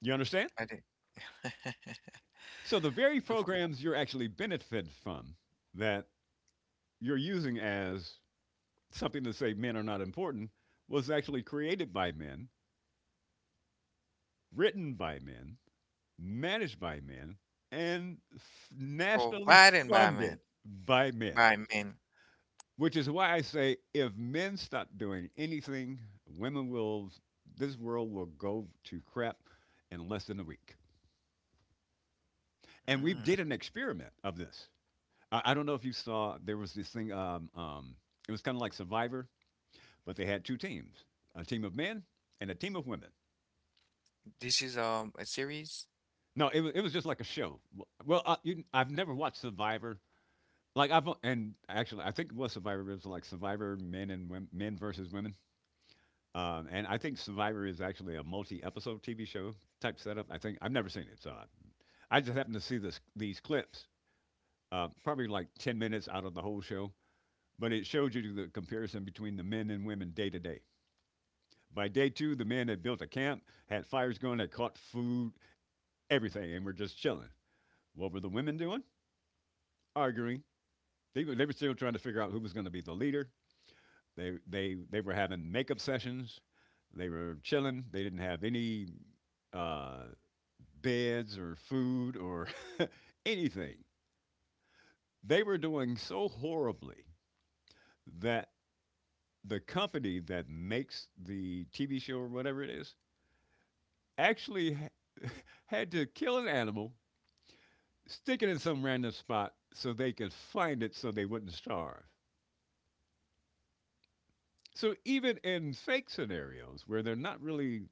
S2: You understand?
S1: I did.
S2: So the very
S1: The f-
S2: programs you're actually benefited from, that you're using as something to say men are not important, was actually created by men, written by men, managed by men, and nationally
S1: Provided by man.
S2: funded by men.
S1: By men.
S2: Which is why I say if men stop doing anything, women will, this world will go to crap in less than a week. And we
S1: Mm.
S2: did an experiment of this. I don't know if you saw there was this thing. It was kind of like Survivor, but they had two teams: a team of men and a team of women.
S1: This is a series.
S2: No, it was just like a show. Well, I've never watched Survivor. Like I've and actually I think it was Survivor. It was like Survivor men and women, men versus women. And I think Survivor is actually a multi-episode TV show type setup. I think I've never seen it, so I just happened to see this these clips, probably like 10 minutes out of the whole show. But it showed you the comparison between the men and women day to day. By day two, the men had built a camp, had fires going, had caught food, everything, and were just chilling. What were the women doing? Arguing. They were still trying to figure out who was going to be the leader. They were having makeup sessions. They were chilling. They didn't have any uh, beds or food or anything. They were doing so horribly that the company that makes the TV show or whatever it is actually had to kill an animal, stick it in some random spot so they could find it so they wouldn't starve. So even in fake scenarios where they're not really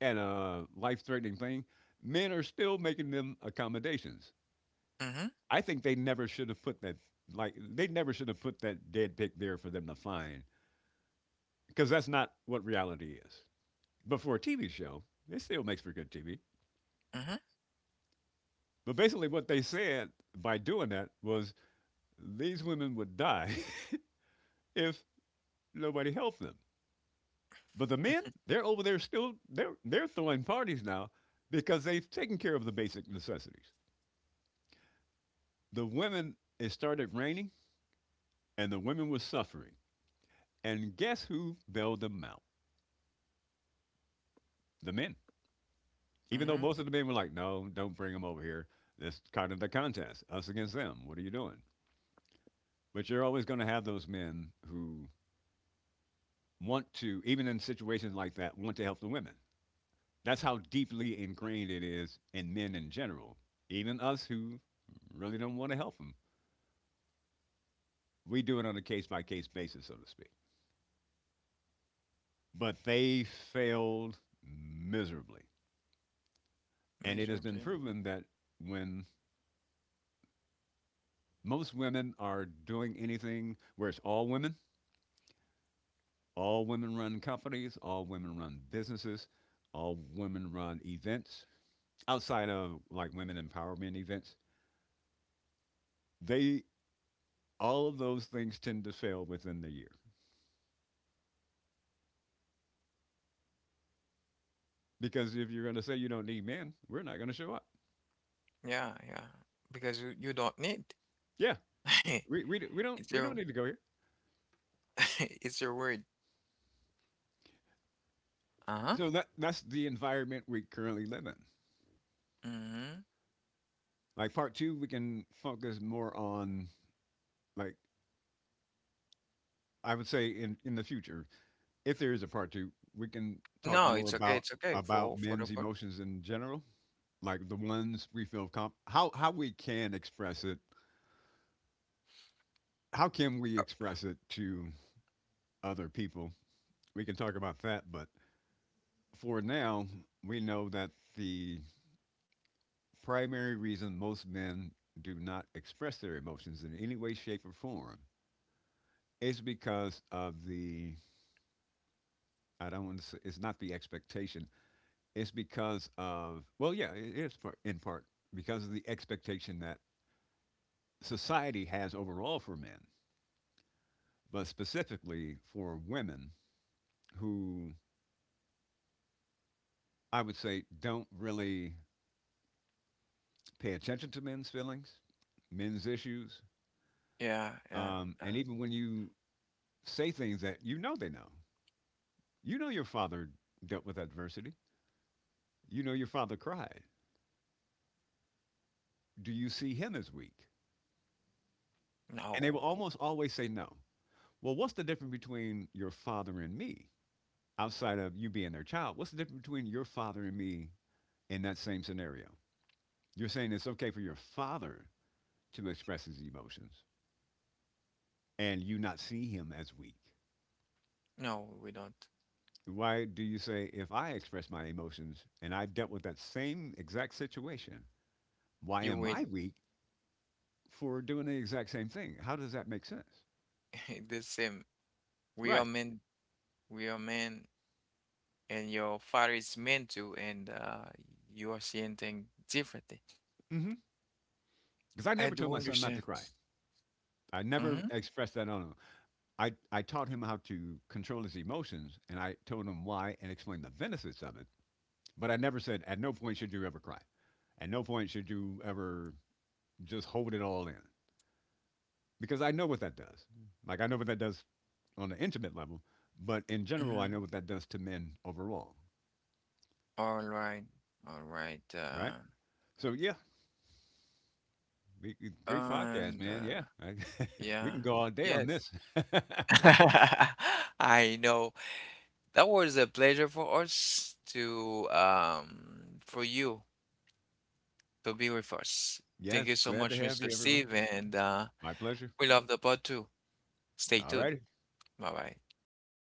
S2: at a life threatening thing, men are still making them accommodations.
S1: Mm-hmm.
S2: I think they never should have put that, like they never should have put that dead pig there for them to find because that's not what reality is. But for a TV show, it still makes for good TV.
S1: Mm-hmm.
S2: But basically, what they said by doing that was these women would die if nobody helped them. But the men, they're over there still, they're throwing parties now because they've taken care of the basic necessities. The women it started raining and the women were suffering. And guess who bailed them out? The men. Even though
S1: Mm-hmm.
S2: most of the men were like, "No, don't bring them over here. This kind of the contest, us against them. What are you doing?" But you're always going to have those men who want to, even in situations like that, want to help the women. That's how deeply ingrained it is in men in general. Even us who really don't want to help them, we do it on a case by case basis, so to speak. But they failed miserably. And it has been
S1: Miserably.
S2: proven that when most women are doing anything where it's all women run companies, all women run businesses, all women run events outside of like women empowerment events, They all of those things tend to fail within the year because if you're going to say you don't need men, we're not going to show up.
S1: Yeah, yeah. Because you don't need.
S2: Yeah, we, we, we don't
S1: It's
S2: we don't
S1: your.
S2: need to go here.
S1: It's your word. Uh-huh.
S2: So that's the environment we currently live in.
S1: Hmm.
S2: Like part two, we can focus more on, like, I would say in the future, if there is a part two, we can talk
S1: No,
S2: more
S1: it's okay.
S2: about
S1: It's okay
S2: about
S1: for the
S2: men's
S1: part.
S2: emotions in general, like the ones we feel comp how we can express it, how can we express it to other people. We can talk about that, but for now, we know that the primary reason most men do not express their emotions in any way, shape, or form. It's because of the I don't want to say it's not the expectation. It's because of well, yeah, it is part, in part because of the expectation that society has overall for men, but specifically for women who I would say don't really pay attention to men's feelings, men's issues.
S1: Yeah, yeah,
S2: And
S1: yeah.
S2: even when you say things that you know they know, you know your father dealt with adversity, you know your father cried. Do you see him as weak? And they
S1: No,
S2: will almost always say no. Well, what's the difference between your father and me outside of you being their child? What's the difference between your father and me in that same scenario? You're saying it's okay for your father to express his emotions and you not see him as weak.
S1: no, we don't.
S2: Why do you say, if I express my emotions and I've dealt with that same exact situation, why
S1: You
S2: am
S1: will.
S2: I weak for doing the exact same thing? How does that make sense?
S1: The same. We are
S2: Right.
S1: men. We are men, and your father is men too, and you are seeing things differently.
S2: Mm-hmm. Because I
S1: I
S2: never told
S1: do
S2: my son not to
S1: understand.
S2: cry. I never
S1: Mm-hmm.
S2: expressed that on him. I taught him how to control his emotions and I told him why and explained the benefits of it. But I never said, at no point should you ever cry. At no point should you ever just hold it all in. Because I know what that does. Like, I know what that does on the intimate level, but in general, I
S1: Mm-hmm.
S2: know what that does to men overall.
S1: All right. All right.
S2: Right?
S1: Uh,
S2: So, yeah, great podcast,
S1: and
S2: man. Yeah.
S1: uh,
S2: We
S1: yeah.
S2: can go all day on
S1: Yes.
S2: this.
S1: I know. That was a pleasure for us to for you to be with us. Thank
S2: Yes.
S1: you so
S2: Glad to
S1: much,
S2: have
S1: Mr.
S2: you, everyone.
S1: Steve, and
S2: My pleasure.
S1: we love the pod too. Stay
S2: All
S1: tuned.
S2: righty.
S1: Bye bye.